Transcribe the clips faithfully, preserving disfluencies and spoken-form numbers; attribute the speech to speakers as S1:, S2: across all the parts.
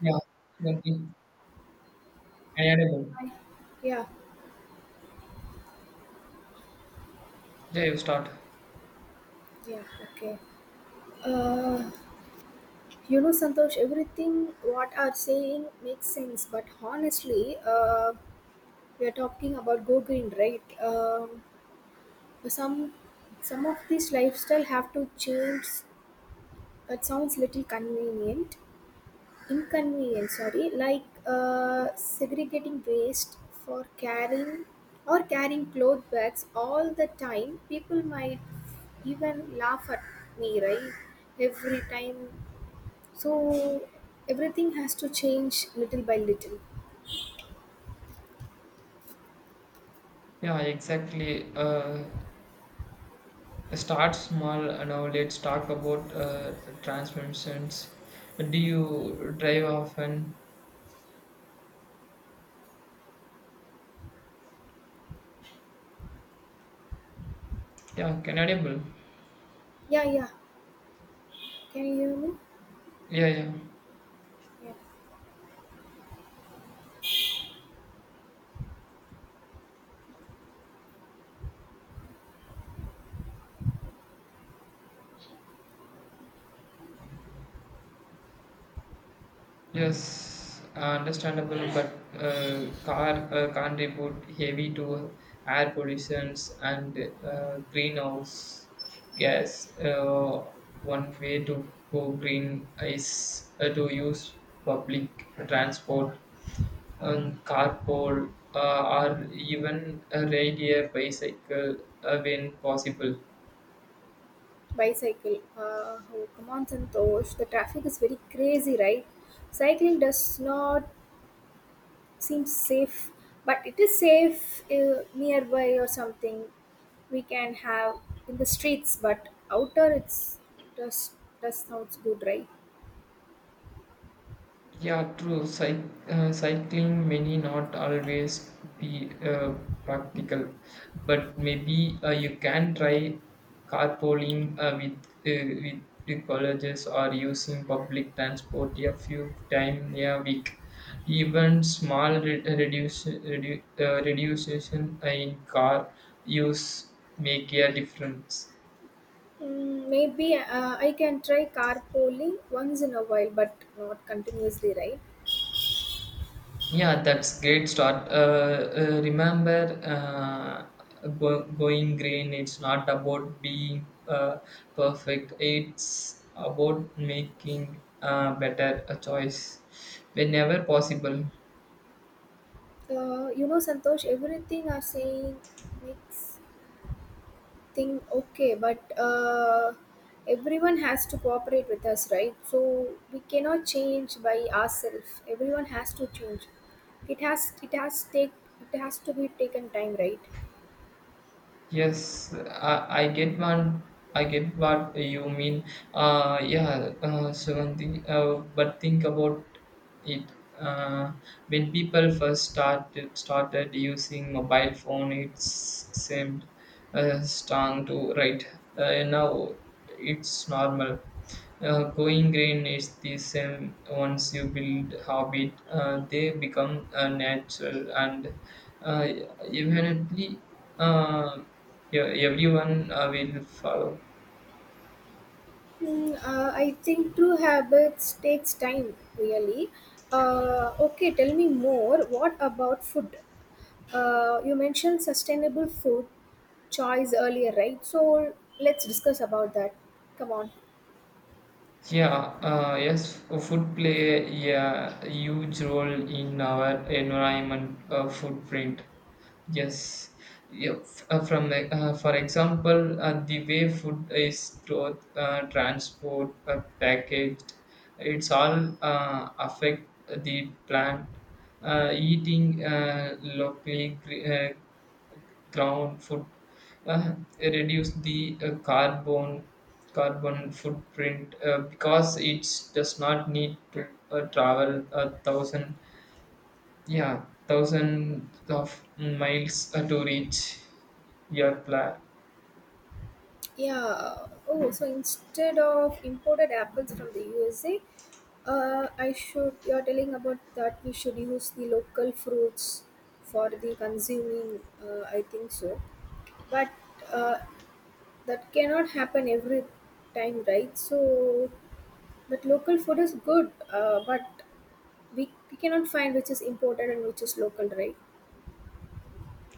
S1: Yeah, absolutely. Reliable.
S2: Yeah,
S1: Yeah, you start.
S2: yeah, okay. Uh, you know, Santosh, everything what are saying makes sense, but honestly, uh, we are talking about go green, right? Um, some some of these lifestyle have to change. That sounds little convenient, inconvenience, sorry, like uh, segregating waste for carrying or carrying cloth bags all the time. People might even laugh at me, right? Every time. So everything has to change little by little.
S1: Yeah, exactly. Uh, start small. Uh, Now let's talk about uh, transmissions. Do you drive often? Yeah, Canadian.
S2: Yeah, yeah. Can you hear me?
S1: Yeah, yeah.
S2: Yeah.
S1: Yes, uh, understandable, but uh, car uh, contribute heavy to air pollutions and uh, greenhouse gas. Uh, one way to go green is uh, to use public transport, um, carpool, uh, or even a ride a bicycle uh, when possible.
S2: Bicycle. Uh, oh, come on, Santosh, the traffic is very crazy, right? Cycling does not seems safe, but it is safe uh, nearby or something. We can have in the streets, but outer it's just just sounds good, right?
S1: Yeah, true. Cyc- uh, cycling may not always be uh, practical, but maybe uh, you can try carpooling uh, with, uh, with the colleges or using public transport a few times a week. Even small re- reduce, redu- uh, reduction in car use make a difference.
S2: Mm, maybe uh, I can try carpooling once in a while, but not continuously, right?
S1: Yeah, that's great start. Uh, uh, remember, uh, go, going green. It's not about being uh, perfect. It's about making a better a choice whenever possible.
S2: Uh, you know santosh, everything are saying makes think okay, but uh, everyone has to cooperate with us, right? So we cannot change by ourselves, everyone has to change. It has it has take it has to be taken time, right?
S1: Yes, I, I get one. I get what you mean. Uh, yeah, uh, Suganti. Uh, but think about it. Uh, when people first started started using mobile phone, it seemed uh, strong to right. Uh, now it's normal. Uh, going green is the same. Once you build habit, uh, they become uh, natural and uh, evidently. Uh, yeah, everyone uh, will follow.
S2: Hmm, uh, i think true habits takes time, really. Uh, okay, tell me more. What about food? Uh, you mentioned sustainable food choice earlier, right? So let's discuss about that. Come on.
S1: Yeah, uh, yes, food play a huge role in our environment uh, footprint. Yes, yeah, f- uh, from the- uh, for example, uh, the way food is stored, uh, transport, uh, packaged, it's all uh, affect the plant. Uh, eating uh, locally cre- uh, ground foot uh, reduce the uh, carbon carbon footprint uh, because it does not need to uh, travel a thousand yeah thousands of miles uh, to reach your pla-
S2: Yeah. Oh, so instead of imported apples from the U S A, uh, I should. You're telling about that we should use the local fruits for the consuming. Uh, I think so, but uh, that cannot happen every time, right? So, but local food is good, uh, but we, we cannot find which is imported and which is local, right?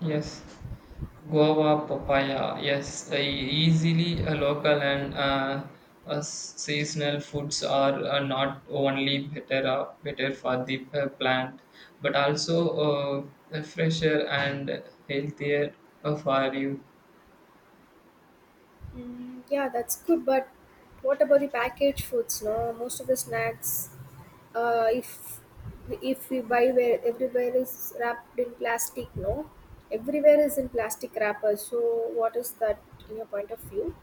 S1: Yes, guava papaya. Yes, uh, easily a local and uh, uh, seasonal foods are uh, not only better uh, better for the uh, plant, but also uh, fresher and healthier uh, for you.
S2: Mm, yeah, that's good, but what about the packaged foods? No, most of the snacks, uh, if if we buy, where everywhere is wrapped in plastic. No, everywhere is in plastic wrappers. So what is that in your point of view?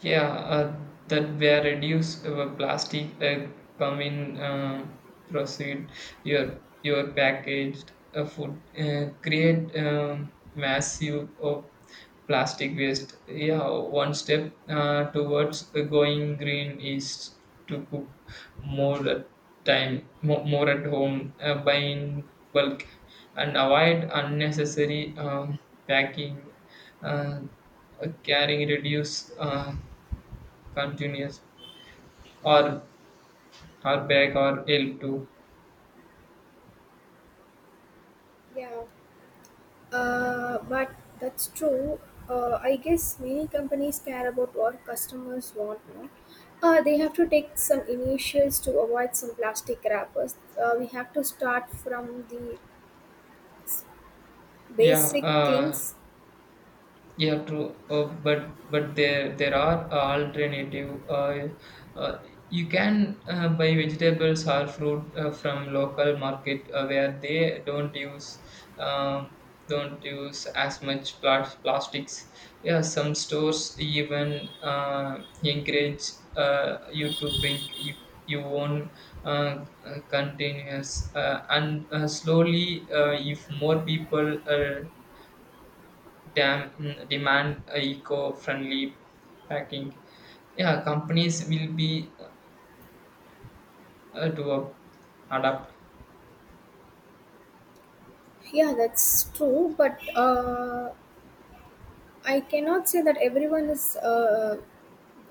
S1: Yeah, uh, that were reduced uh, plastic uh, come in um proceed your your packaged uh, food uh, create um, massive of plastic waste. Yeah, one step uh, towards uh, going green is to cook more at time mo- more at home uh, buy in bulk and avoid unnecessary um, packing. Uh, uh, carrying reduce uh, continuous or hardback or e l p two.
S2: Yeah. Uh, but that's true. Uh, i guess many companies care about what customers want. No, uh, they have to take some initials to avoid some plastic wrappers. Uh, we have to start from the
S1: yeah
S2: basic
S1: uh,
S2: things.
S1: Yeah, true. Uh, but but there there are alternative. Uh, uh, you can uh, buy vegetables or fruit uh, from local market uh, where they don't use um, don't use as much plas- plastics. Yeah, some stores even uh, encourage uh, you to bring you, your own uh, uh, containers. Uh, and uh, slowly, uh, if more people uh, dam, mm, demand uh, eco-friendly packing. Yeah, companies will be uh, to uh, adapt.
S2: Yeah, that's true, but uh, I cannot say that everyone is uh,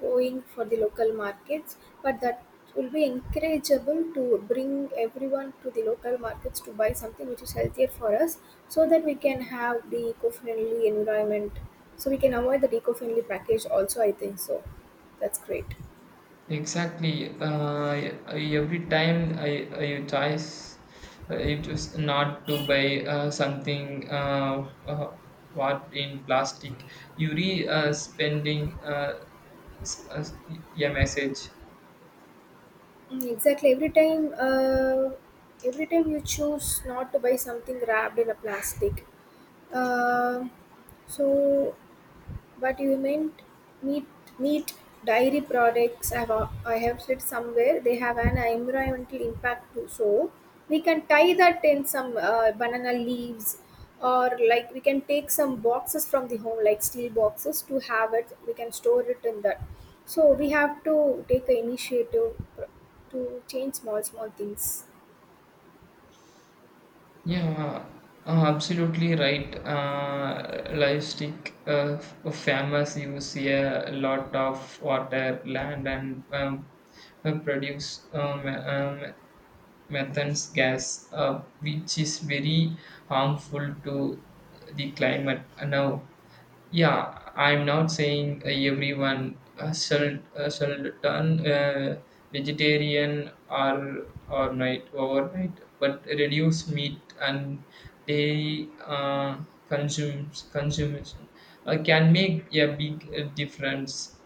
S2: going for the local markets, but that will be encourageable to bring everyone to the local markets to buy something which is healthier for us, so that we can have the eco friendly environment. So we can avoid the eco friendly package, also. I think so. That's great.
S1: Exactly. Uh, e-, every time I, I you choose, uh, you choose not to buy uh, something uh, uh, what in plastic, you re uh, spending uh, s- uh, a message.
S2: Mm, exactly. Every time, uh, every time you choose not to buy something wrapped in a plastic, uh, so. But you meant meat, meat dairy products. I have, I have said somewhere they have an environmental impact too. So we can tie that in some uh, banana leaves, or like we can take some boxes from the home, like steel boxes, to have it. We can store it in that. So we have to take an initiative to change small small things.
S1: Yeah, uh, uh, absolutely right. Uh, livestock, uh, f- farmers use a lot of water, land, and um, uh, produce um, um, methane gas, uh, which is very harmful to the climate. Now, yeah, I'm not saying uh, everyone uh, shall uh, shall turn uh, vegetarian or or night overnight, but reduce meat and dairy uh, consumes consumption uh, can make a big uh, difference.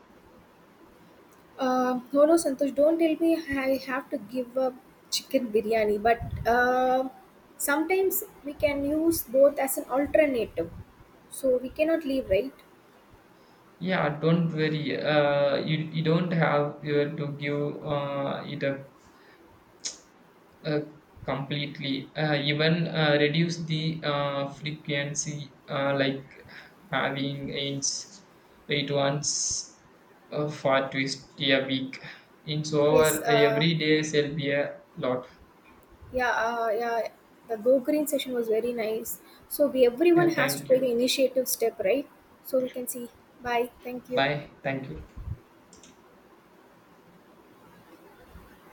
S2: Uh, no, no, Santosh, don't tell me I have to give up chicken biryani, but uh, sometimes we can use both as an alternative. So we cannot leave, right?
S1: Yeah, don't worry. Uh, you, you don't have uh, to give uh, it up Uh, completely. Uh, even uh, reduce the uh, frequency, uh, like having ins it once uh, for twist a week. In so
S2: Yes,
S1: our
S2: uh,
S1: every day shall be a lot.
S2: yeah, uh, yeah. The Go Green session was very nice. So we, everyone
S1: Yeah,
S2: has to
S1: thank
S2: take an
S1: you.
S2: initiative step, right? So we can see. Bye. Thank you.
S1: Bye. Thank you.